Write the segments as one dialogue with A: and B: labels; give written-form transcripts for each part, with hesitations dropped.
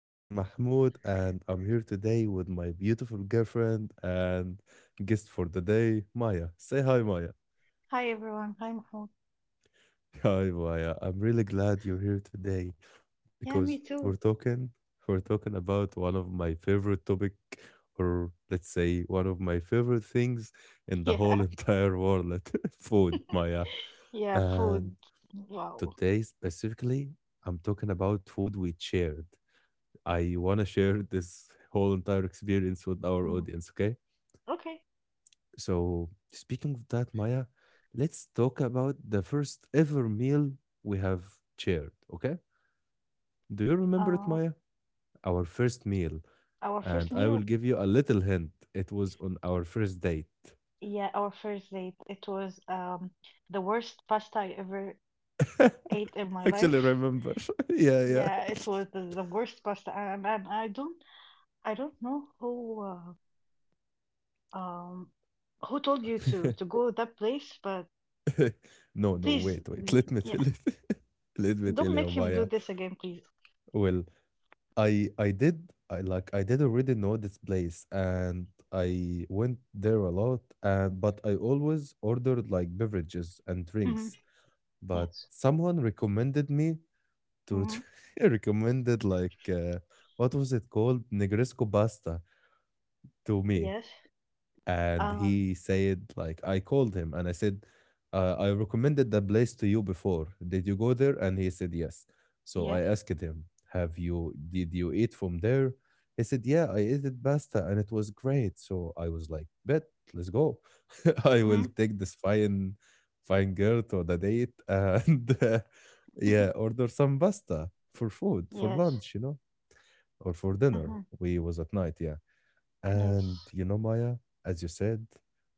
A: This is Mahmoud, and I'm here today with my beautiful girlfriend and guest for the day, Maya. Say hi, Maya.
B: Hi everyone, hi Mahmoud.
A: Hi, Maya. I'm really glad you're here today
B: Yeah,
A: because
B: me
A: we're
B: too.
A: talking we're talking about one of my favorite topic, or let's say one of my favorite things in the
B: Yeah,
A: whole entire world, food, Maya.
B: yeah,
A: And
B: food. Wow.
A: today specifically, I'm talking about food we shared. I want to share this whole entire experience with our
B: Mhm.
A: audience, okay?
B: Okay.
A: So, speaking of that, Maya, let's talk about the first ever meal we have shared, okay? Do you remember it,
B: Uh,
A: Maya? Our first meal.
B: our first
A: And I will
B: meal,
A: give you a little hint. It was on our first date.
B: yeah, our first date, it was the worst pasta I ever ate in my life.
A: Actually, remember. Yeah, yeah.
B: Yeah, it was the worst pasta, and I don't know um, who told you to go that place, but
A: No, no,
B: please,
A: wait, wait. Let me
B: yeah,
A: tell it. Let me tell
B: don't
A: you,
B: make him do
A: Maya.
B: this again, please.
A: Well, I did. I like I did already know this place, and I went there a lot, and but I always ordered like beverages and
B: Hmm.
A: drinks, but
B: Yes.
A: someone recommended me to
B: Hmm.
A: recommended, like, what was it called, Negresco pasta, to me.
B: Yes.
A: And
B: Um.
A: he said, like, I called him, and I said, I recommended the place to you before, did you go there? And he said yes. So I
B: Yes.
A: asked him, have you, did you eat from there? He said, yeah, I ate it pasta and it was great. So I was like, bet, let's go. I will
B: Hmm.
A: take this fine girl to the date, and yeah, order some pasta for food for
B: Yes.
A: lunch, you know, or for dinner.
B: Hmm.
A: We was at night, yeah. And
B: Yes.
A: you know, Maya, as you said,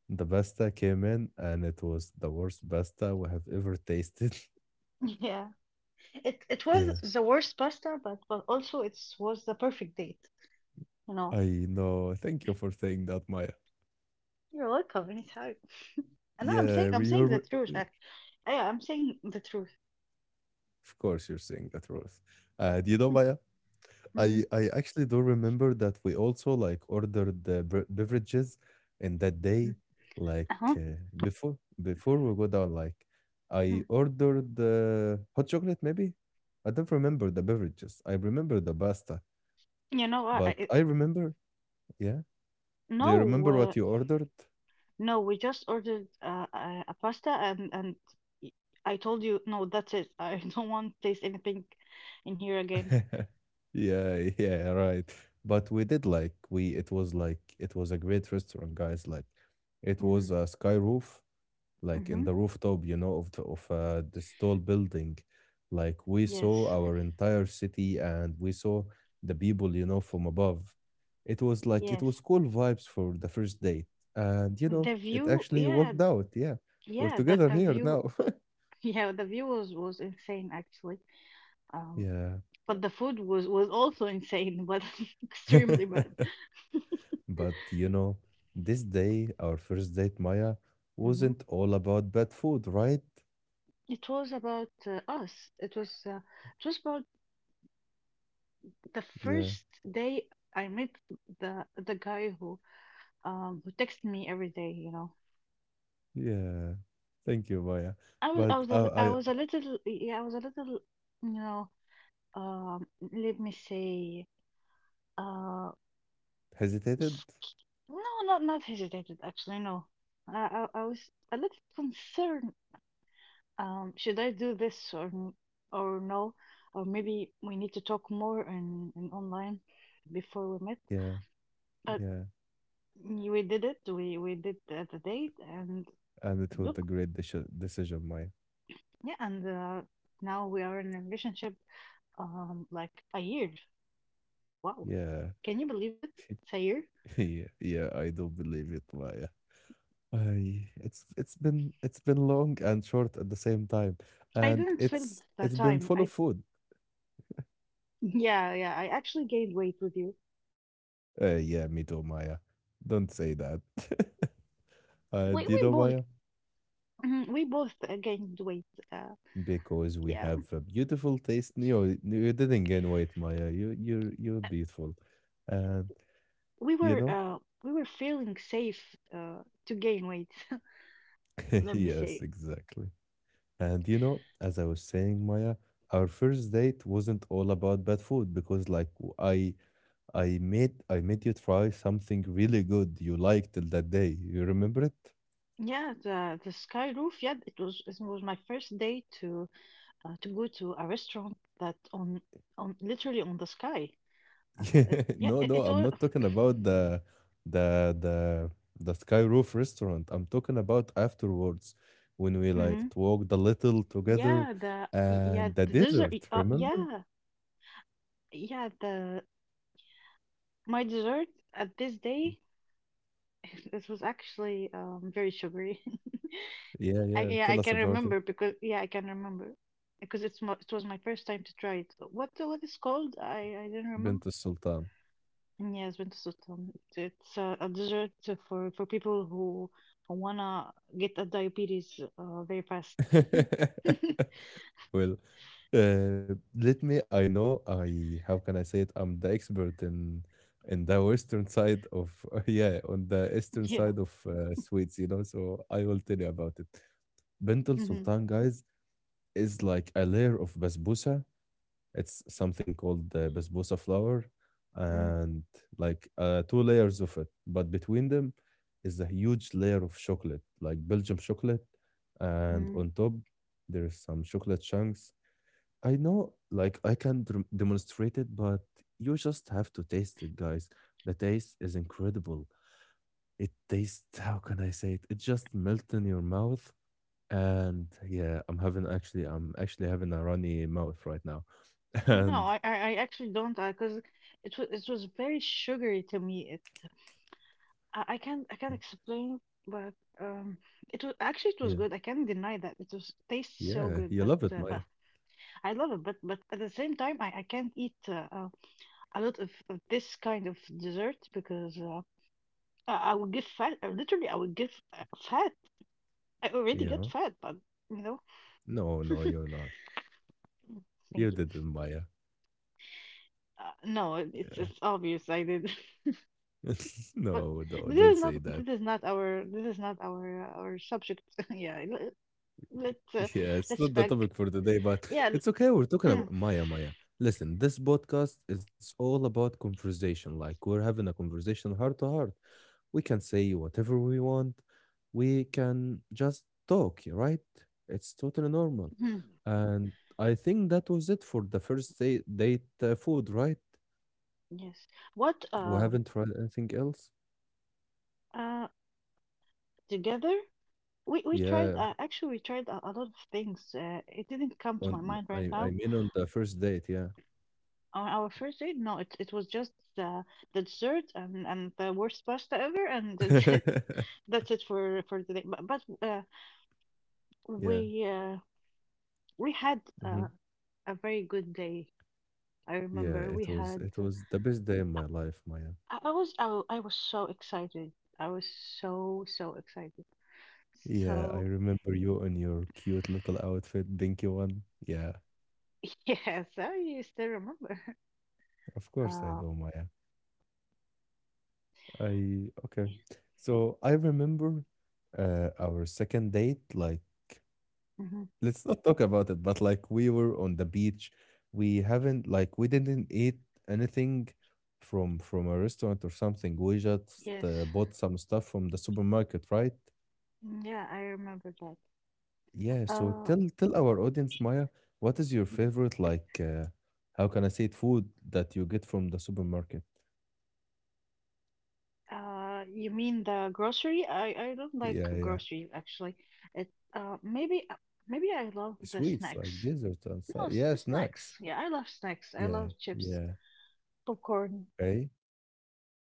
A: the pasta came in, and it was the worst pasta we have ever tasted.
B: Yeah. It
A: Yeah,
B: was the worst pasta, but also it was the perfect date. You know,
A: I know. Thank you for saying that, Maya.
B: you're welcome anytime. And I'm saying
A: Yeah,
B: I'm saying
A: you're,
B: the
A: of
B: truth. Like, yeah, I'm saying the truth.
A: course, you're saying that, Rose. And you know, Maya, I
B: Hmm.
A: I actually do remember that we also, like, ordered the beverages in that day, like,
B: Uh-huh.
A: uh, before before we go down, like,
B: Mhm.
A: I ordered the hot chocolate maybe. I don't remember the beverages, I remember the pasta.
B: You know what?
A: But I remember, yeah, do
B: No,
A: you remember what you ordered?
B: no. We just ordered a pasta, and y- I told you no. That's it. I don't want to taste anything in here again.
A: Yeah, yeah, right. But we did, like, we, it was like, it was a great restaurant, guys. Like, it
B: Mm-hmm.
A: was a sky roof, like, in
B: Mm-hmm.
A: the rooftop, you know, of the, of this tall building. Like, we
B: Yes.
A: saw our entire city, and we saw the people, you know, from above. It was like, it
B: Yes.
A: was cool vibes for the first date, and you know,
B: The
A: it
B: view,
A: actually
B: yeah,
A: worked out. Yeah, we're
B: yeah, the
A: together
B: the
A: here
B: view,
A: now.
B: yeah, the view was insane actually. Um,
A: Yeah,
B: but the food was also insane, but extremely bad.
A: but you know, this day, our first date, Maya,
B: Hmm.
A: wasn't all about bad food, right?
B: It was about us. It was uh, it was about the
A: Yeah,
B: first day I met the guy who texted me every day.
A: yeah. Thank you, Maya.
B: I was
A: But
B: I was I
A: I
B: was a little, yeah, I was a little. You know um let me say uh
A: hesitated.
B: No, not hesitated actually. No, I was a little concerned. Should I do this or or no, or maybe we need to talk more in online before we met.
A: Yeah,
B: But
A: yeah.
B: we did it. We did the date and
A: And it was a
B: look,
A: great decision, Maya.
B: yeah, and now we are in a relationship. Like a year. Wow,
A: Yeah.
B: can you believe it? It's a year.
A: Yeah, yeah, I do believe it, Maya. I, it's been, it's been long and short at the same time.
B: I
A: And
B: didn't feel
A: it's
B: the
A: it's been
B: time.
A: full of
B: I
A: food.
B: Yeah, yeah. I actually gained weight with you.
A: Yeah, me too, Maya. Don't say that.
B: We
A: And you
B: we
A: know,
B: both.
A: Maya,
B: Mhm. We both, gained weight. Uh,
A: because we
B: yeah,
A: have a beautiful taste. No, you didn't gain weight, Maya. You're beautiful. And
B: we
A: you
B: were
A: know?
B: uh, we were feeling safe, to gain weight. Let me
A: Yes,
B: say,
A: exactly. And you know, as I was saying, Maya, our first date wasn't all about bad food, because like I I made you try something really good you liked till that day. You remember it?
B: yeah, the sky roof. Yeah, it was my first day to, to go to a restaurant that on literally on the sky.
A: Yeah.
B: Yeah,
A: No,
B: it,
A: no,
B: it
A: I'm
B: was.
A: not talking about the the the Sky Roof restaurant. I'm talking about afterwards, when we like
B: Hmm.
A: walked a little together
B: Yeah,
A: and the
B: the dessert.
A: dessert, remember?
B: Yeah, yeah, the my dessert at this day. It was actually very sugary.
A: Yeah,
B: I
A: yeah.
B: Yeah, I
A: Tell us
B: can
A: about it.
B: remember, because yeah, I can remember because it was my first time to try it. What is called? I do not
A: Bint
B: remember.
A: Sultan.
B: Yes, it's bento sultan. It's a dessert for people who wanna get a diabetes, very fast.
A: Well, let me. I know. I, how can I say it? I'm the expert in the western side of yeah, on the eastern
B: Yeah.
A: side of Swedes. You know, so I will tell you about it. Bentel
B: Hmm.
A: Sultan, guys, is like a layer of basbousa. It's something called the basbousa flour,
B: Hmm.
A: and like, two layers of it. But between them is a huge layer of chocolate, like Belgium chocolate, and on top there is some chocolate chunks. I know, like, I can demonstrate it, but you just have to taste it, guys. The taste is incredible. It tastes, how can I say it? It just melts in your mouth. And yeah, I'm having actually, I'm actually having a runny mouth right now.
B: No,
A: And
B: I actually don't, because it was very sugary to me. I can't explain, but um, it was actually, it was
A: yeah,
B: good. I can't deny that it was tastes so
A: yeah,
B: good,
A: you
B: but
A: love it,
B: uh,
A: Maya.
B: but I love it. But at the same time, I can't eat a lot of this kind of dessert, because I would get fat. Literally, I would get uh, fat. I already got
A: Yeah.
B: fat, but you know,
A: No, no, you're not.
B: thank
A: You
B: you.
A: didn't, Maya.
B: No, it- it's
A: Yeah.
B: it's obvious I did, but
A: No, no,
B: this
A: don't
B: is not
A: say that.
B: this is not our our subject. Yeah, let's uh,
A: Yeah, it's
B: let's
A: not the
B: back.
A: topic for today, but
B: Yeah.
A: it's okay. We're talking about Maya, Maya. Listen, this podcast, it's all about conversation. Like, we're having a conversation heart to heart. We can say whatever we want. We can just talk, yeah, right? It's totally normal.
B: Hmm.
A: And I think that was it for the first day, date food, right?
B: Yes. What
A: We haven't tried anything else.
B: uh together we tried
A: Yeah,
B: Actually we tried a lot of things. It didn't come to my
A: on,
B: mind right
A: I
B: now.
A: mean on the first date, yeah.
B: On our first date, no, it was just the dessert and the worst pasta ever, and that's it. That's it for today. But
A: Yeah.
B: we uh we had,
A: Mm-hmm.
B: a very good day. I
A: Yeah,
B: remember we
A: it was,
B: had.
A: it was the best day in my life, Maya.
B: I was so excited. I was so, so excited.
A: Yeah, I
B: So.
A: remember you in your cute little outfit, dinky one. Yeah,
B: Yes, I used to remember.
A: of course I
B: Uh,
A: do, Maya. I okay. So I remember our second date, like,
B: mhm.
A: let's not talk about it, but like, we were on the beach. We haven't like, we didn't eat anything from a restaurant or something. We just
B: Yes.
A: bought some stuff from the supermarket, right?
B: Mm, yeah, I remember that.
A: Yeah, so
B: Uh,
A: tell, tell our audience, Maya, what is your favorite, like, how can I say it, food that you get from the supermarket?
B: you mean the grocery? I don't like
A: Yeah, yeah.
B: grocery actually. It uh maybe uh, Maybe I love the
A: Sweets,
B: snacks.
A: like, desserts and so,
B: No, s
A: yeah, snacks.
B: snacks. Yeah, I love snacks. I
A: Yeah,
B: love chips,
A: yeah.
B: popcorn.
A: Right?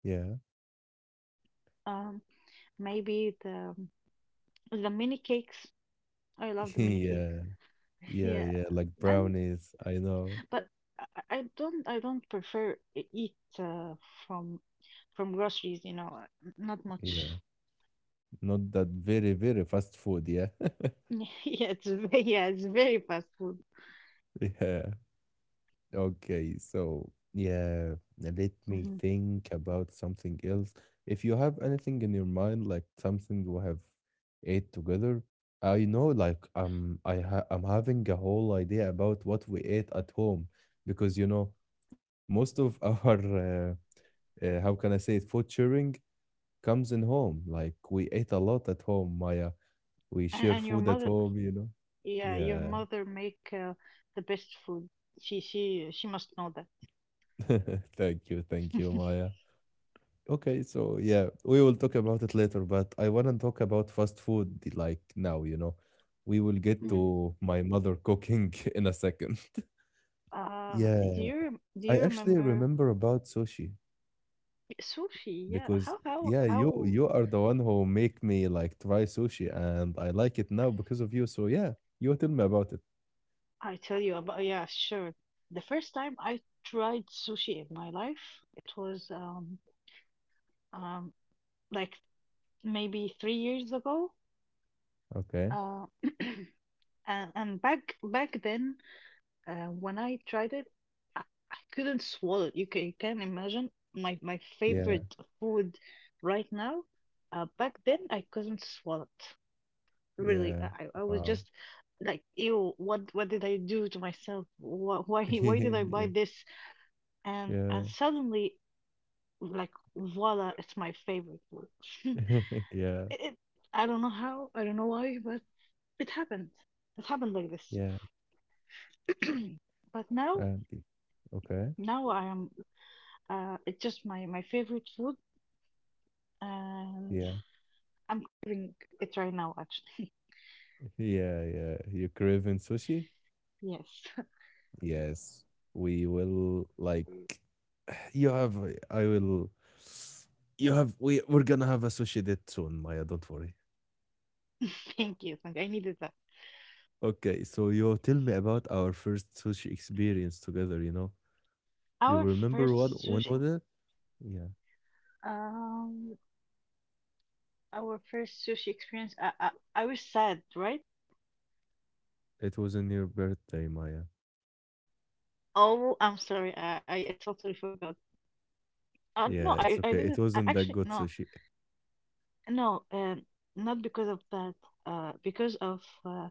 A: Yeah.
B: Um, Maybe the mini cakes. I love the mini cakes.
A: Yeah. Yeah,
B: Yeah,
A: yeah, like
B: and.
A: brownies, I know.
B: But I I don't prefer eat, from from groceries, not much.
A: Yeah. Not that very, very fast food, yeah.
B: Yeah, yeah, it's very fast food.
A: Yeah. Okay, so yeah, now let me
B: Hmm.
A: think about something else. If you have anything in your mind, like something we have ate together, I know, like, um, I ha, I'm having a whole idea about what we ate at home, because, you know,
B: Hmm.
A: most of our how can I say it, food sharing comes in home. Like, we ate a lot at home, Maya. We
B: And
A: share
B: and your
A: food at
B: mother,
A: home, you know.
B: yeah, your
A: Yeah.
B: mother make, the best food. She must know that.
A: Thank you, Maya. Okay, so yeah, we will talk about it later, but I want to talk about fast food like now, you know. We will get
B: Mhm. Mhm.
A: to my mother cooking in a second.
B: Uh, do
A: Yeah,
B: you
A: I
B: do you
A: actually
B: remember
A: remember about sushi
B: sushi? Yeah,
A: because
B: how how
A: yeah, you
B: how
A: you are the one who make me like try sushi, and I like it now because of you. So yeah, you tell me about it.
B: I Tell you about, yeah, sure. The first time I tried sushi in my life, it was um like maybe 3 years ago.
A: Okay.
B: Uh, and back then, when I tried it, I, I couldn't swallow. You can imagine my
A: Yeah.
B: favorite food right now. Back then, I couldn't swallow it. Really,
A: Yeah.
B: I was
A: Wow.
B: just like, ew, what did I do to myself? Why why did I
A: Yeah.
B: buy this? And
A: Yeah.
B: suddenly, like, voila, it's my favorite food.
A: Yeah.
B: It, I don't know how, I don't know why, but. It happened. It happened like this.
A: Yeah.
B: But now,
A: And okay.
B: now I am. It's just my favorite food, and
A: Yeah.
B: I'm craving it right now. Actually,
A: Yeah, yeah. You craving sushi?
B: yes.
A: Yes. We will like, you have I will, you have, we're gonna have a sushi date soon, Maya, don't worry.
B: Thank you. Thank you. I needed that.
A: Okay, so you tell me about our first sushi experience together, you know? You
B: Our
A: remember what,
B: first
A: when
B: sushi.
A: was
B: Mhm.
A: it? Yeah.
B: Um, our first sushi experience. I was sad, right?
A: It was on your birthday, Maya.
B: Oh, I'm sorry. I totally forgot. No,
A: Yeah,
B: I
A: it's
B: I
A: okay.
B: didn't.
A: It
B: I
A: wasn't that
B: actually,
A: good
B: no,
A: sushi.
B: no. Not because of that. Because of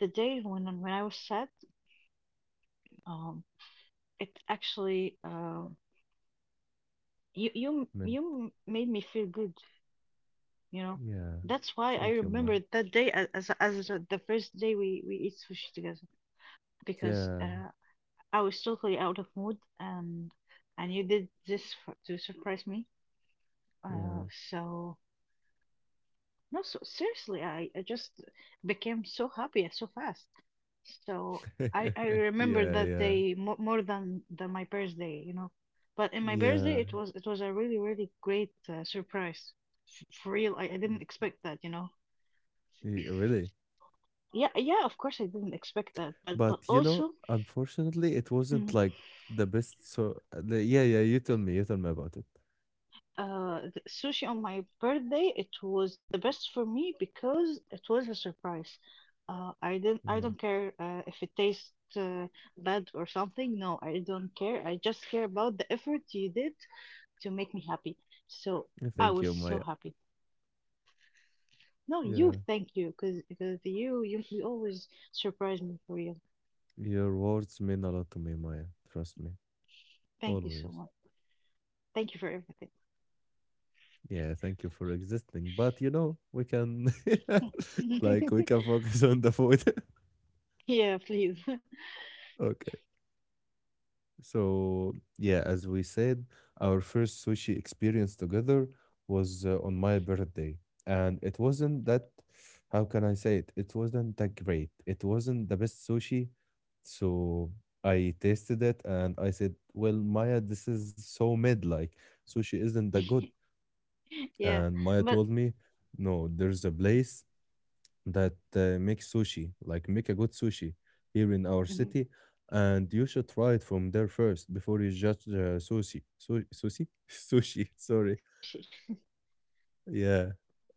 B: the day, when I was sad. Um, it actually, you you
A: I mean,
B: you made me feel good, you know.
A: yeah.
B: That's why I
A: Thank you, Maya.
B: remember that day as, as the first day we eat sushi together, because
A: Yeah.
B: I was totally out of mood and you did this, to surprise me. Uh,
A: Yeah.
B: so. No, so seriously, I just became so happy so fast. So I remember
A: Yeah,
B: that
A: yeah.
B: day more than my birthday, you know. But in my birthday,
A: Yeah.
B: it was a really, really great, surprise. For real, I didn't expect that, you know.
A: Ye- Really?
B: Yeah, yeah, of course I didn't expect that, but
A: But you know,
B: also
A: unfortunately, it wasn't
B: mm,
A: like the best. So, yeah, yeah, you tell me about it.
B: the sushi on my birthday, it was the best for me because it was a surprise. I
A: Yeah.
B: don't care, if it tastes, bad or something. No, I don't care. I just care about the effort you did to make me happy. So
A: Yeah,
B: I
A: thank
B: was
A: you,
B: so
A: Maya.
B: happy. No, you,
A: Yeah.
B: thank you, because you always surprise me for you.
A: Your words mean a lot to me, Maya. Trust me,
B: Thank you so
A: always.
B: much. Thank you for everything.
A: Yeah, thank you for existing. But you know, we can, like, we can focus on the food.
B: Yeah, please.
A: Okay. So, yeah, as we said, our first sushi experience together was on my birthday. And it wasn't that, how can I say it? It wasn't that great. It wasn't the best sushi. So I tasted it and I said, well, Maya, this is so mid. Like, sushi isn't that good.
B: Yeah,
A: And Maya
B: but
A: told me, no, there's a place that make sushi, like, make a good sushi here in our
B: mhm,
A: city, and you should try it from there first before you judge sushi, so, sushi, sushi. Sorry,
B: sushi.
A: yeah.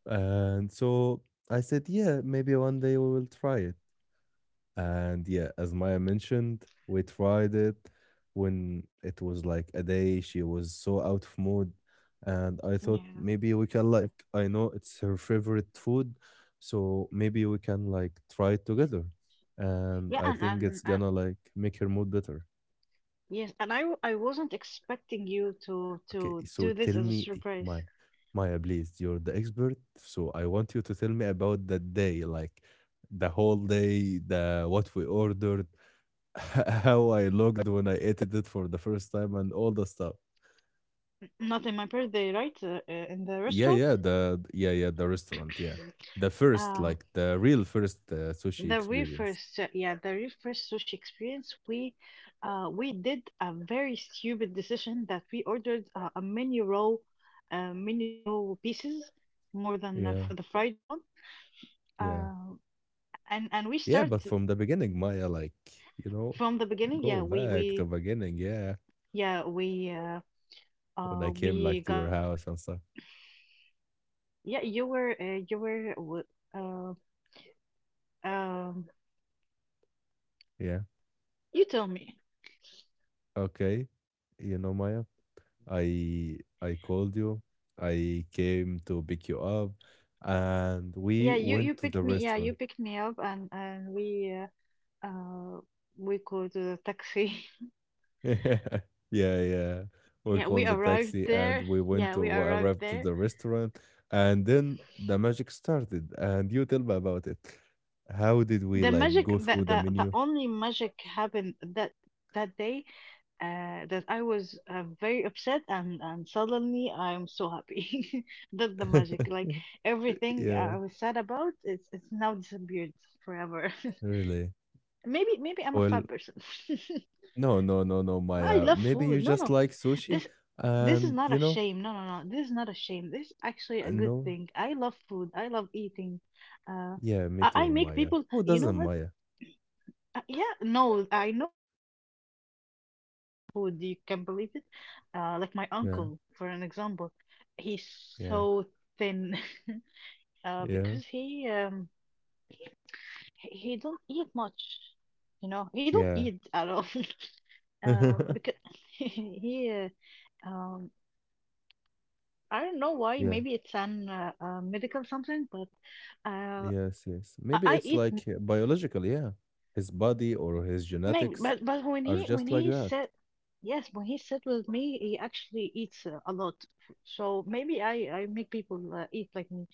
A: And so I said, yeah, maybe one day we will try it. And yeah, as Maya mentioned, we tried it when it was like a day she was so out of mood. And I thought
B: Yeah.
A: maybe we can, like, I know it's her favorite food, so maybe we can like try it together. And
B: Yeah,
A: I
B: and,
A: think
B: and,
A: it's
B: and
A: gonna like make her mood better.
B: yes, and I I wasn't expecting you to
A: Okay,
B: to
A: so
B: do this
A: tell
B: as a
A: me,
B: surprise.
A: Maya, Maya, please, you're the expert. So I want you to tell me about that day, like, the whole day, the, what we ordered, how I
B: Like,
A: looked when I ate it for the first time and all the stuff.
B: not in my birthday, right? In the
A: Yeah,
B: restaurant.
A: yeah, the, yeah, yeah, the restaurant, yeah. The first,
B: Uh,
A: like, the real first sushi
B: the very
A: experience.
B: first, yeah, the very first sushi experience, we did a very stupid decision that we ordered, a mini roll pieces more than,
A: Yeah.
B: for the fried one.
A: Yeah.
B: Uh, and we
A: Yeah,
B: start
A: but from the beginning, Maya, like, you know,
B: from the beginning. Yeah,
A: go
B: we
A: back to
B: we
A: beginning, yeah,
B: yeah we uh,
A: when I
B: uh
A: came like
B: we
A: to
B: got.
A: your house and stuff.
B: Yeah, you were, w- uh, um,
A: Yeah.
B: you tell me.
A: Okay. You know, Maya, I called you. I came to pick you up and
B: Yeah,
A: we
B: you
A: went to
B: picked
A: the
B: me. Yeah, you
A: restaurant.
B: picked me up, and uh, uh we called the taxi.
A: Yeah, yeah. We
B: Yeah, we
A: called the
B: arrived
A: taxi and
B: there.
A: we went
B: Yeah, we
A: to
B: arrived
A: arrived to
B: there.
A: the restaurant and then the magic started and you tell me about it. How did we
B: The
A: like
B: magic,
A: go
B: the
A: through the
B: the, the
A: menu?
B: only magic happened that day. That I was, very upset, and suddenly I'm so happy. That's the magic. Like everything
A: Yeah,
B: I was sad about, it's now disappeared forever.
A: really.
B: Maybe I'm a
A: Well,
B: fat person.
A: no, no, no, no,
B: Well, I
A: Maya.
B: love
A: Maybe
B: food.
A: you
B: No,
A: just
B: no.
A: like sushi
B: This this is
A: and
B: not
A: you
B: a
A: know,
B: shame. No, no, no. This is not a shame. This is actually a good
A: no.
B: thing. I love food. I love eating. Uh,
A: Yeah, me
B: I
A: too,
B: make
A: Maya.
B: people.
A: Who
B: You know
A: doesn't,
B: what?
A: Maya?
B: Yeah, no. I know people personally don't love the food. You can believe it. Like my
A: Yeah,
B: uncle, for an example, he's
A: yeah,
B: so thin.
A: yeah,
B: Because he, he don't eat much, you know. He don't
A: yeah.
B: eat at all. Because he, uh, um, I don't know why.
A: Yeah.
B: Maybe it's an medical something, but uh,
A: Yes, yes.
B: I,
A: Maybe
B: I
A: it's
B: eat
A: like biological, yeah. His body or his
B: maybe.
A: genetics
B: But when
A: are
B: he when
A: just like
B: he
A: that.
B: said yes, when he said with me, he actually eats, a lot. So maybe I make people, eat like me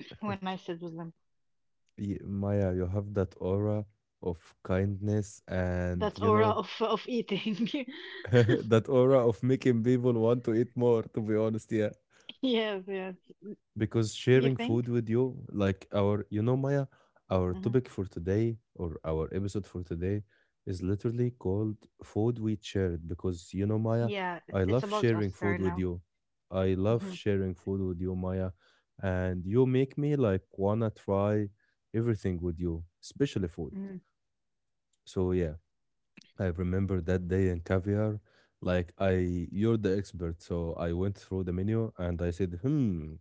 B: when I sit with them.
A: Y- Maya, you have that aura of kindness and,
B: That
A: you
B: aura
A: know,
B: of eating.
A: that aura of making people want to eat more, to be honest, yeah.
B: Yes, yes.
A: Because
B: You
A: sharing food
B: think?
A: with you, like our, you know, Maya, our
B: Hmm.
A: topic for today or our episode for today is literally called Food We Shared. Because, you know, Maya,
B: Yeah, it's
A: I
B: it's
A: love
B: about us
A: sharing food
B: right
A: with
B: now.
A: you. I love
B: Mm-hmm.
A: sharing food with you, Maya. And you make me like wanna try everything with you, especially food.
B: Mm.
A: So, yeah. I remember that day in caviar, like I, you're the expert, so I went through the menu and I said, "Hmm,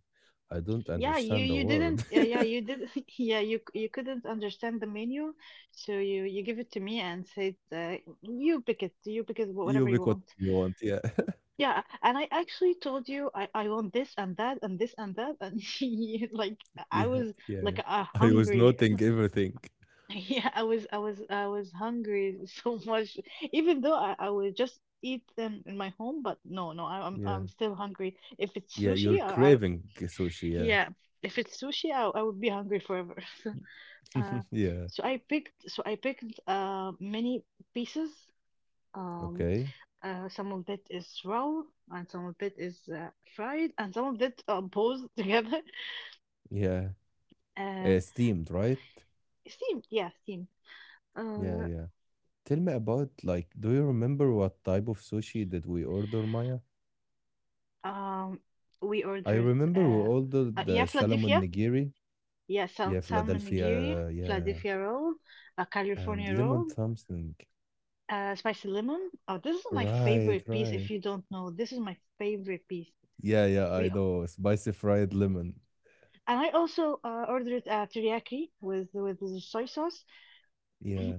A: I don't
B: Yeah, you
A: understand the
B: you
A: word."
B: didn't. Yeah, yeah, you did. Yeah, you couldn't understand the menu, so you give it to me and said, "You pick it. You pick it.
A: You
B: Whatever you
A: pick what
B: want."
A: you want, yeah,
B: Yeah, and I actually told you I want this and that and this and that, and you, like
A: yeah,
B: I was
A: yeah, yeah.
B: like a
A: I was
B: hungry.
A: noting everything.
B: Yeah, I was hungry so much, even though I would just eat them in my home, but no, I'm
A: Yeah,
B: I'm still hungry. If it's
A: yeah, you're
B: sushi, I.
A: craving sushi, yeah,
B: Yeah, if it's sushi, I would be hungry forever. Uh,
A: yeah.
B: so I picked many pieces. Um,
A: Okay,
B: some of it is raw, and some of it is fried, and some of it both together.
A: yeah,
B: Uh,
A: steamed, right?
B: Steamed, yeah, steamed.
A: Yeah,
B: Uh,
A: yeah. Tell me about like, do you remember what type of sushi did we order, Maya?
B: um, we
A: I
B: ordered
A: remember we ordered
B: yeah,
A: the salmon
B: Philadelphia,
A: nigiri.
B: yeah,
A: Yeah,
B: salmon nigiri,
A: Philadelphia, yeah.
B: Philadelphia roll, a
A: And
B: California roll.
A: lemon something.
B: Spicy lemon. Oh, this is my
A: Right,
B: favorite piece. If
A: right.
B: you don't know, this is my favorite piece.
A: Yeah, yeah, I
B: We
A: know. Spicy fried lemon.
B: and I also ordered teriyaki with the soy sauce
A: Yeah.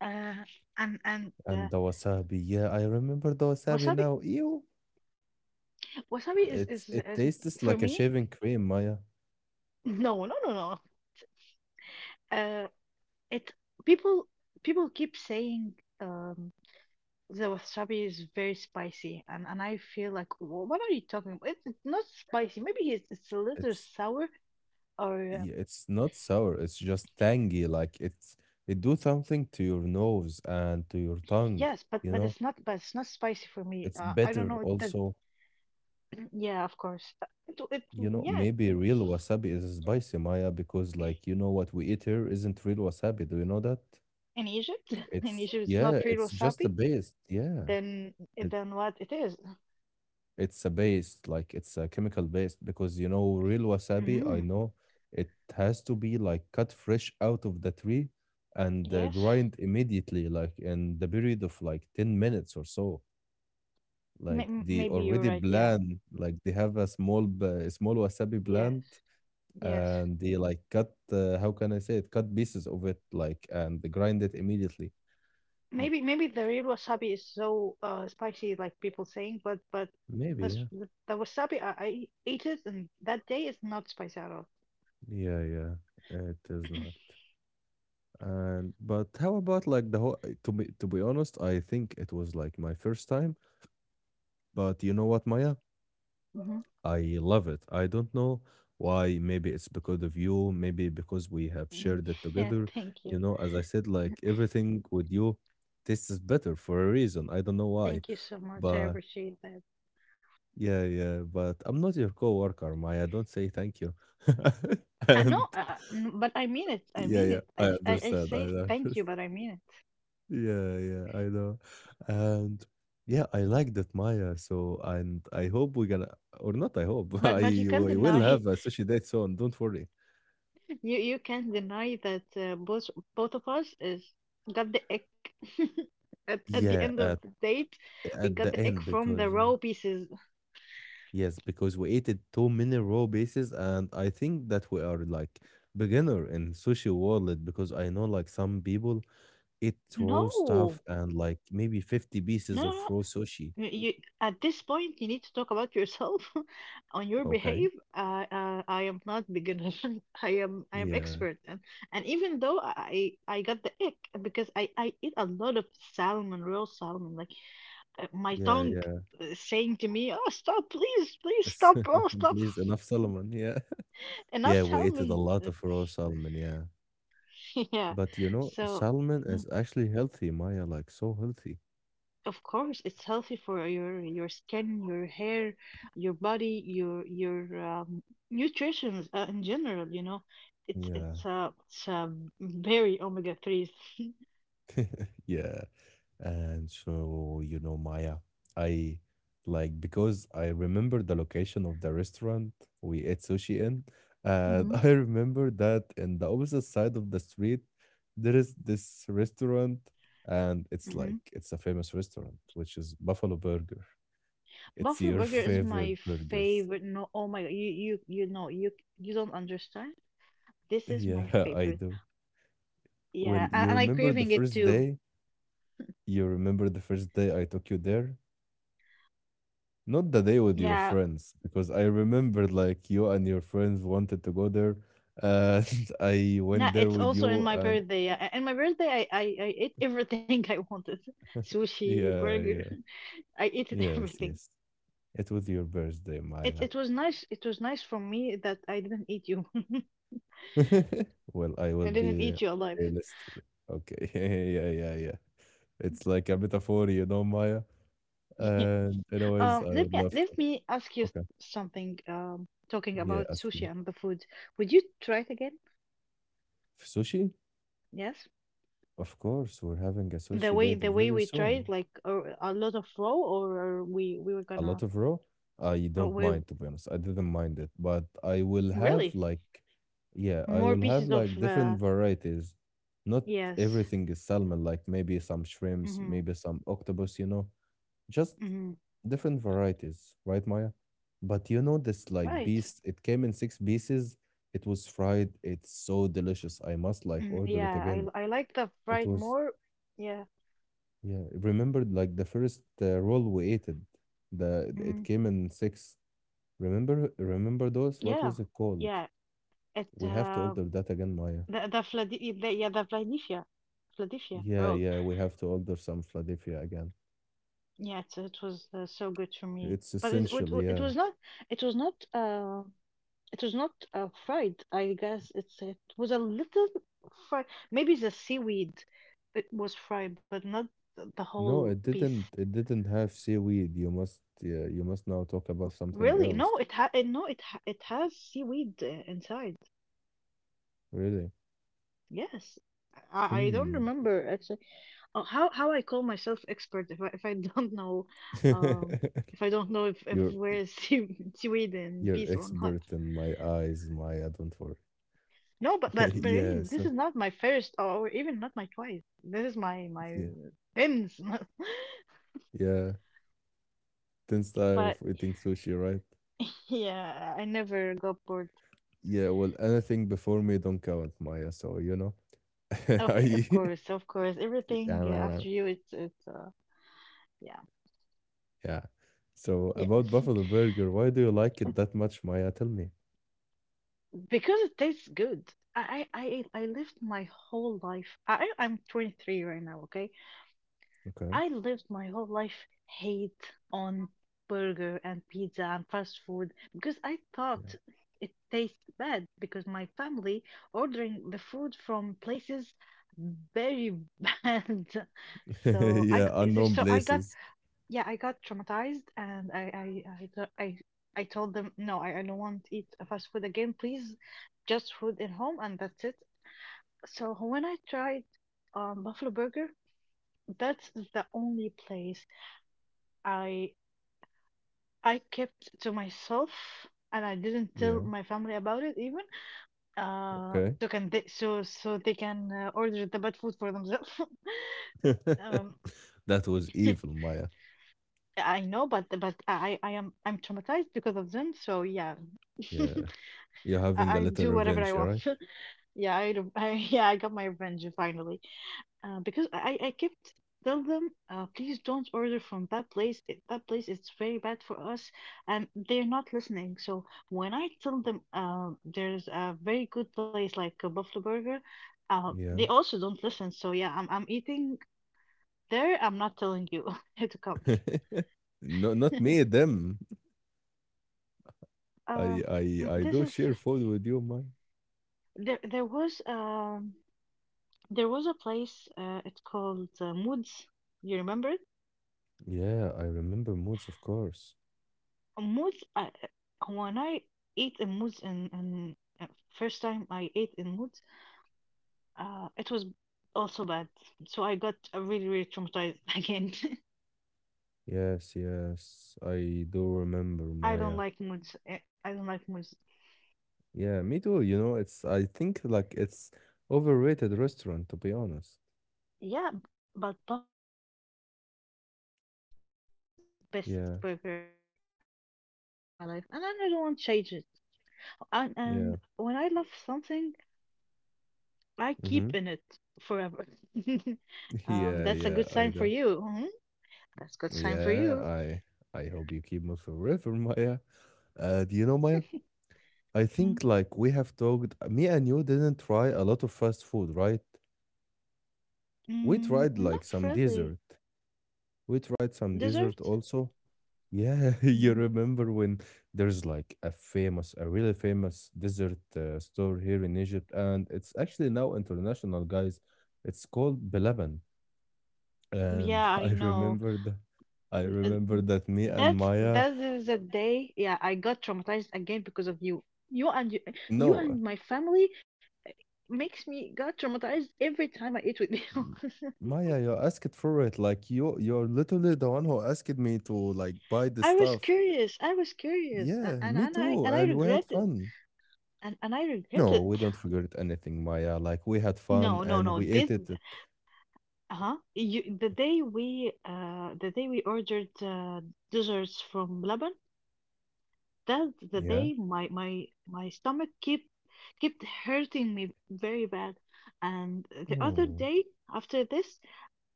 B: uh, and
A: And the wasabi. Yeah, I remember the wasabi
B: wasabi.
A: now. Ew.
B: Wasabi
A: It's it
B: is
A: tastes
B: for
A: like a
B: me.
A: shaving cream, Maya.
B: No, no, no, no. Uh, it people People keep saying um, the wasabi is very spicy, and I feel like What are you talking about? It's not spicy. Maybe it's a little
A: It's
B: sour or."
A: yeah, it's not sour, it's just tangy. Like it's it do something to your nose and to your tongue,
B: Yes, but
A: you know?
B: it's not spicy for me.
A: It's
B: I don't
A: bitter
B: know that.
A: also.
B: Yeah, of course. It
A: You know,
B: yeah.
A: maybe real wasabi is spicy, Maya, because like you know what we eat here isn't real wasabi. Do you know that?
B: In Egypt, in
A: It's
B: Egypt, it's not
A: yeah,
B: real
A: it's just
B: wasabi.
A: a base. Yeah.
B: Then
A: It,
B: then what it is?
A: it's a base, like it's a chemical base because you know real wasabi, I
B: Mm,
A: know it has to be like cut fresh out of the tree and
B: yes,
A: grind immediately, like in the period of like 10 minutes or so. Like they
B: Maybe you're
A: already
B: right. Yeah,
A: blend, like they have a small b- a small wasabi
B: yes,
A: blend.
B: yes.
A: And they like cut how can I say it? Cut pieces of it like and grind it immediately.
B: Maybe the real wasabi is so spicy like people saying, but
A: Maybe,
B: this
A: yeah.
B: the, s- the wasabi I ate it and that day is not spicy at all.
A: Yeah, yeah. It is not. And but how about like the whole eh, to be honest, I think it was like my first time. But you know what, Maya?
B: Hmm.
A: I love it. I don't know why. Maybe it's because of you, maybe because we have shared it
B: Yeah,
A: together. You know, as I said, like everything with you tastes better for a reason. I don't know why.
B: thank you so much. I
A: But
B: appreciate that.
A: yeah, yeah, but I'm not your coworker, Maya. Don't say thank you.
B: No,
A: And
B: n- But I mean it. I
A: yeah,
B: mean
A: yeah,
B: it.
A: I
B: I
A: understand. I
B: say
A: understand.
B: thank you, but I mean it.
A: Yeah, yeah, I know. And yeah, I like that, Maya. So, and I hope we're gonna, or not, I hope
B: But
A: I
B: but you can't
A: we will
B: deny
A: have a sushi date soon. Don't worry.
B: you can't deny that both of us is got the egg at the end
A: Yeah,
B: of the
A: at
B: date. We
A: at
B: got
A: the
B: the egg
A: end
B: from the
A: because yeah.
B: raw pieces.
A: Yes, because we ate it too many raw bases, and I think that we are like beginner in sushi world because I know like some people It raw stuff
B: No,
A: and like maybe 50 pieces
B: no, no.
A: of
B: No,
A: raw sushi.
B: You, at this point, you need to talk about yourself on your
A: Okay.
B: behave. I am not beginner. I am
A: Yeah.
B: expert, and even though I got the ick because I eat a lot of salmon, raw salmon. Like my
A: Yeah.
B: tongue
A: Yeah.
B: is saying to me, "Oh, stop! Please, please stop! Oh, stop!
A: Please, enough salmon. Yeah.
B: Enough
A: Yeah. We ate a
B: salmon!"
A: lot of raw salmon. Yeah.
B: Yeah.
A: But you know,
B: So.
A: salmon
B: Mm.
A: is actually healthy, Maya, like so healthy.
B: Of course, it's healthy for your skin, your hair, your body, your nutrition in general. You know, it's
A: Yeah.
B: it's uh, it's uh, very omega threes.
A: Yeah. And so, you know, Maya, I like because I remember the location of the restaurant we ate sushi in, and
B: Hmm.
A: I remember that in the opposite side of the street, there is this restaurant, and
B: Yeah.
A: it's
B: Hmm.
A: like it's a famous restaurant, which is Buffalo Burger. It's
B: Buffalo
A: your
B: burger is
A: favorite
B: my
A: burgers.
B: favorite. No, oh my god, you know you don't understand. This is my
A: Yeah, I
B: favorite.
A: do.
B: Yeah,
A: Well, you
B: and I
A: remember the
B: craving it
A: first
B: too.
A: day? You remember the first day I took you there? Not the day with your
B: Yeah,
A: friends, because I remember like you and your friends wanted to go there, and I
B: no,
A: went there
B: it's
A: with
B: also in
A: you,
B: my
A: and
B: birthday. Yeah, in my birthday, I ate everything I wanted: sushi,
A: yeah,
B: burger.
A: yeah,
B: I ate
A: yes,
B: everything.
A: yes. It was your birthday,
B: It
A: Maya.
B: it was nice. It was nice for me that I didn't eat you.
A: Well, I will
B: I didn't
A: be a
B: eat you alive.
A: list. Okay, yeah, yeah, yeah. It's like a metaphor, you know, Maya.
B: Yes.
A: And anyways, I would
B: Let me
A: love to.
B: let me ask you
A: Okay,
B: something. Talking
A: yeah,
B: about
A: ask me.
B: sushi and the food, would you try it again?
A: Sushi?
B: Yes.
A: Of course, we're having a
B: The
A: sushi
B: way
A: date
B: the way
A: very
B: we tried,
A: soon.
B: like a lot of raw, or we were
A: A lot
B: gonna.
A: of raw, I
B: Oh,
A: don't
B: we
A: mind to be honest. I didn't mind it, but I will have
B: really
A: like, yeah, I
B: more
A: will have
B: pieces of.
A: like different varieties. Not
B: Yes.
A: everything is salmon, like maybe some shrimps,
B: Mm-hmm.
A: maybe some octopus, you know, just
B: Mm-hmm.
A: different varieties, right, Maya? But you know, this like
B: Right.
A: beast, it came in six pieces. It was fried. It's so delicious. I must like
B: Mm,
A: order it
B: yeah.
A: again.
B: I like the
A: It
B: fried
A: was,
B: more. Yeah.
A: yeah, remembered like the first roll we ate it. The it
B: Mhm.
A: came in six. Remember, remember those? What
B: Yeah,
A: was it called?
B: yeah. It
A: We have to order that again, Maya.
B: the Vlad the, yeah the Vladivia Vladivia
A: Yeah,
B: road.
A: yeah, we have to order some Philadelphia again.
B: Yeah, it was so good for me.
A: It's
B: But it,
A: essential,
B: it wa-
A: yeah.
B: it was not, it was not fried. I guess it's it was a little fried. Maybe the seaweed it was fried, but not the whole
A: No, it
B: piece.
A: didn't. It didn't have seaweed. You must, yeah, you must now talk about something
B: Really?
A: else.
B: No, it ha it has seaweed inside.
A: Really?
B: Yes. I don't
A: Hmm.
B: remember actually how I call myself expert if I don't know um if I don't know if
A: You're
B: we're Sweden in
A: you're
B: peace or not.
A: expert in my eyes, Maya. Don't worry.
B: No, but really,
A: Yes.
B: this is not my first or even not my twice. This is my
A: Yeah.
B: tens.
A: Yeah. Ten style
B: But
A: of eating sushi, right?
B: yeah, I never got bored.
A: Yeah. Well, anything before me don't count, Maya. So you know.
B: Okay, of
A: I
B: course, of course. Everything
A: yeah.
B: after you, it's yeah.
A: Yeah. So about Buffalo Burger, why do you like it that much, Maya? Tell me.
B: Because it tastes good. I lived my whole life. I'm 23 right now, okay?
A: Okay.
B: I lived my whole life hate on burger and pizza and fast food because I
A: Yeah.
B: thought it tastes bad because my family ordering the food from places very bad. So I g-
A: yeah.
B: is it-
A: Unknown
B: so I got
A: places.
B: yeah, I got traumatized and I told them no, I don't want to eat a fast food again, please. Just food at home and that's it. So when I tried Buffalo Burger, that's the only place I I kept to myself and I didn't tell
A: Yeah.
B: my family about it even.
A: Okay.
B: So they can order the bad food for themselves. Um,
A: That was evil, Maya.
B: I know, but I'm traumatized because of them. So yeah,
A: Yeah. You're having a
B: I
A: little
B: do whatever I
A: revenge, all
B: want.
A: right?
B: Yeah, I, do- I yeah, I got my revenge finally. Because I kept tell them, please don't order from that place. That place is very bad for us, and they're not listening. So when I tell them, there's a very good place like a Buffalo Burger, they
A: Yeah.
B: also don't listen. So yeah, I'm eating there. I'm not telling you to come.
A: No, not me. Them. I,
B: Um,
A: I,
B: mm,
A: I
B: this
A: do
B: is
A: share food with you, Maya.
B: there. There was. There was a place, it's called Moods. You remember it?
A: Yeah. I remember moods, of course.
B: Moods. When I ate in Moods, and first time I ate in Moods, it was also bad. So I got really, really traumatized again.
A: Yes. Yes. I do remember,
B: I don't
A: Maya.
B: like Moods. Uh, I don't like Moods.
A: Yeah, me too. You know, it's I think like it's overrated restaurant to be honest.
B: Yeah, but Buffalo, it's the best. He makes best
A: Yeah,
B: burger I ever eat in my life, and I don't want to change it. And
A: yeah.
B: when I love something. I
A: Mm-hmm.
B: keep in it forever. Um,
A: Yeah,
B: that's a
A: yeah,
B: good
A: I
B: sign for
A: do.
B: you. Hmm. That's good sign for
A: Yeah,
B: you.
A: I hope you keep me forever, Maya. Do you know, Maya? I
B: Mm,
A: think like we have talked, me and you didn't try a lot of fast food, right? We
B: mm,
A: tried
B: not
A: like some
B: really.
A: dessert. We tried some
B: Dessert?
A: dessert also. Yeah, you
B: Mm,
A: remember when there's like a famous, a really famous dessert store here in Egypt, and it's actually now international, guys. It's called Belaban.
B: yeah,
A: And
B: I
A: I
B: know.
A: remember that I
B: N- uh,
A: remember
B: n-
A: that me and
B: That's
A: Maya,
B: that is a day. Yeah, I got traumatized again because of you. You and you, you
A: no,
B: and my family makes me got traumatized every time I eat with you.
A: m- Maya, you asked for it. Like you, you're literally the one who asked me to like buy the
B: I was
A: stuff.
B: curious. I was curious, a-
A: Yeah,
B: and
A: me too.
B: and I
A: And we had
B: regret it,
A: fun.
B: and I regret
A: No,
B: it.
A: we don't regret anything, Maya. Like we had fun
B: No, no,
A: and
B: no.
A: we
B: This
A: ate it. At-
B: uh-huh. You, the day we The day we ordered desserts from Lebanon, that's the
A: Yeah.
B: day my stomach keep kept hurting me very bad. And the other
A: No.
B: day after this,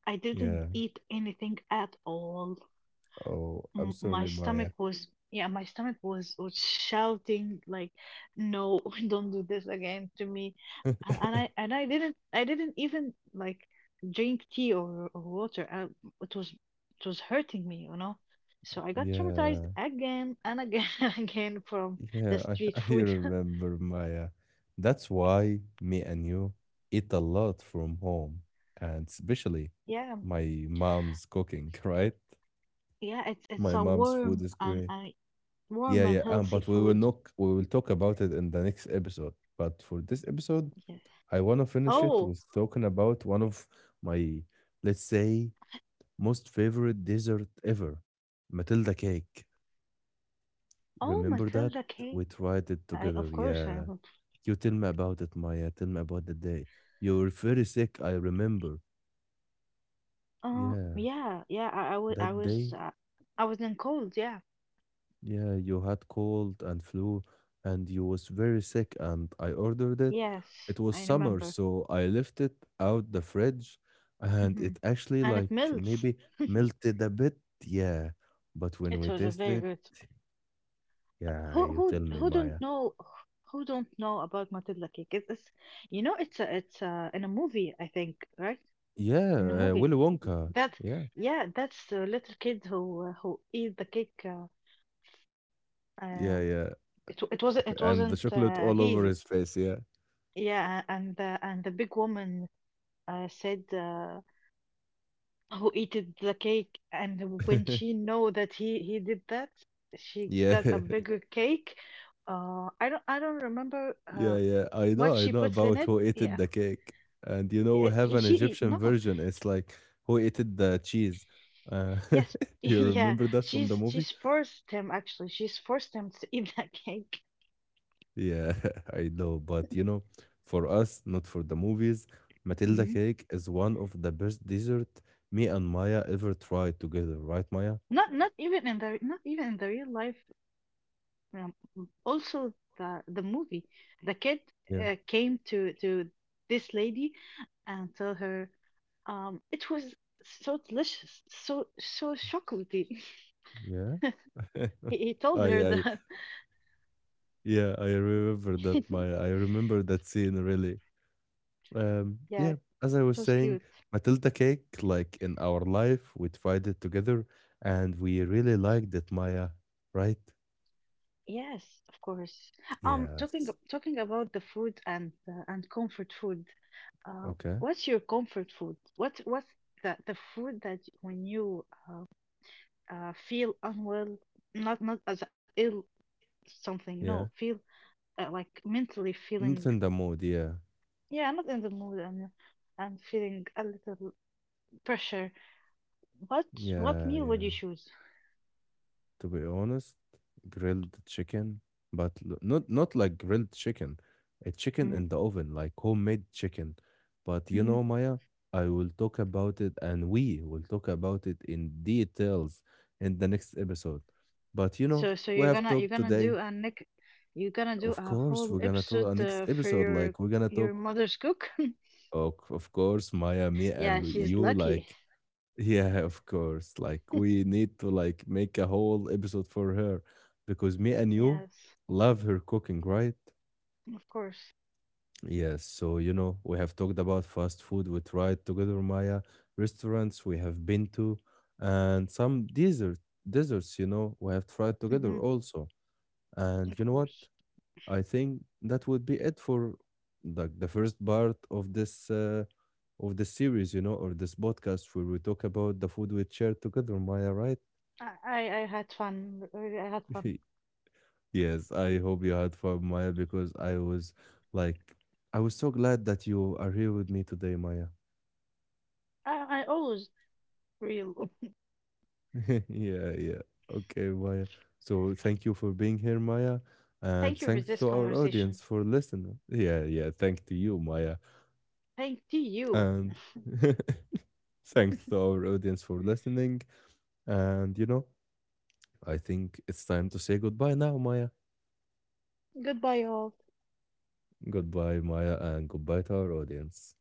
B: I didn't
A: Yeah.
B: eat anything at all.
A: Oh, I'm
B: My
A: sorry, Maya.
B: stomach was yeah my stomach was shouting like no, don't do this again to me, and, and I didn't even like drink tea or water. It was it was hurting me, you know, so I got traumatized
A: Yeah.
B: again and again and again from the
A: Yeah. I
B: street
A: I
B: food.
A: remember, Maya. That's why me and you eat a lot from home, and especially
B: Yeah.
A: my mom's cooking, right?
B: Yeah, it's
A: My
B: a
A: mom's food
B: warm
A: is great.
B: and
A: Yeah,
B: warm
A: yeah.
B: and
A: But
B: healthy
A: we will
B: food.
A: not. We will talk about it in the next episode. But for this episode,
B: Yes.
A: I want to finish it
B: Oh.
A: with talking about one of my, let's say, most favorite dessert ever, Matilda cake.
B: Oh,
A: Remember that?
B: Matilda K.
A: We tried it
B: I of
A: together.
B: course I
A: Yeah.
B: remember.
A: You tell me about it, Maya. Tell me about the day. You were very sick, I remember. Yeah.
B: Yeah, yeah.
A: That day
B: I was in cold. Yeah,
A: yeah, you had cold and flu, and you was very sick, and I ordered it. It
B: yes,
A: was
B: I
A: summer,
B: remember.
A: so I left it out the fridge, and
B: Hmm.
A: it actually
B: And it
A: like
B: melts.
A: maybe melted a bit. Yeah, but when
B: It
A: we
B: was a
A: tasted
B: very
A: it,
B: good.
A: yeah, you tell me,
B: Who
A: Maya.
B: don't know, who don't know about Matilda cake? It's You know, in a movie, I think, right? In a
A: Yeah,
B: movie.
A: Willy Wonka.
B: That,
A: Yeah,
B: yeah, that's the little kid who eat the cake. Uh,
A: yeah, yeah,
B: it wasn't.
A: and the chocolate all
B: He is it.
A: over his face. Yeah,
B: Yeah, and the big woman said. Who eated the cake and when she know that he did that she
A: yeah.
B: got a bigger cake. I don't remember
A: Yeah, yeah,
B: what
A: I
B: she
A: know
B: puts in
A: about
B: it.
A: who ate it
B: Yeah,
A: the cake, and you know
B: yeah,
A: we have
B: he
A: an
B: she
A: Egyptian
B: no.
A: version. It's like who ate it the cheese. Uh,
B: Yes,
A: you
B: yeah,
A: remember that from the movie?
B: she's forced him, actually, she's forced him to eat that cake.
A: Yeah, I know, but you know, for us, not for the movies, Matilda
B: Hmm.
A: cake is one of the best dessert me and Maya ever tried together. Right, Maya?
B: Not not even in the real life, um, also the movie, the kid
A: Yeah,
B: came to this lady and tell her. It was so delicious, so so chocolatey.
A: yeah.
B: He told her
A: I,
B: that.
A: yeah, I remember that, Maya. I remember that scene really.
B: Yeah, it
A: Yeah, as I
B: was
A: was
B: cute.
A: saying, Matilda cake, like in our life, we tried it together and we really liked it, Maya, right?
B: Yes, of course.
A: Yes.
B: Talking about the food and comfort food.
A: Okay.
B: What's your comfort food? What's the food that when you feel unwell, not as ill something. No,
A: Yeah.
B: feel like mentally feeling.
A: Not in the mood. Yeah.
B: Yeah, not in the mood and feeling a little pressure. What
A: Yeah.
B: meal would
A: Yeah.
B: you choose?
A: To be honest, grilled chicken, but l- not like grilled chicken, a chicken
B: Hmm.
A: in the oven, like homemade chicken. But you
B: Hmm.
A: know, Maya, I will talk about it, and we will talk about it in details in the next episode. But you know,
B: So
A: we
B: you're
A: have
B: gonna
A: talked
B: do
A: today.
B: a Nick, you're gonna do
A: Of
B: a
A: course,
B: whole
A: we're gonna talk a
B: episode
A: next
B: for
A: episode. Like we're gonna
B: your
A: talk.
B: mother's cook.
A: Oh, of course, Maya, me,
B: Yeah,
A: and
B: she's
A: you.
B: lucky.
A: Like yeah, of course. Like we need to like make a whole episode for her because me and you
B: Yes,
A: love her cooking, right?
B: of course.
A: Yes, so you know, we have talked about fast food, we tried together Maya, restaurants we have been to, and some desert deserts. You know, we have tried together
B: Hmm.
A: also. And you
B: Of
A: know what?
B: course.
A: I think that would be it for like the first part of this series, you know, or this podcast where we talk about the food we shared together, Maya, right?
B: I had fun. Really, I had fun.
A: Yes, I hope you had fun, Maya, because I was like, I was so glad that you are here with me today, Maya.
B: I always real.
A: Yeah, yeah. Okay, Maya. So thank you for being here, Maya. And
B: Thank you for
A: thanks
B: this
A: to our
B: conversation.
A: audience for listening. Yeah, yeah. Thank to you, Maya.
B: Thank to you.
A: And thanks to our audience for listening. And you know, I think it's time to say goodbye now, Maya.
B: Goodbye, all.
A: Goodbye, Maya, and goodbye to our audience.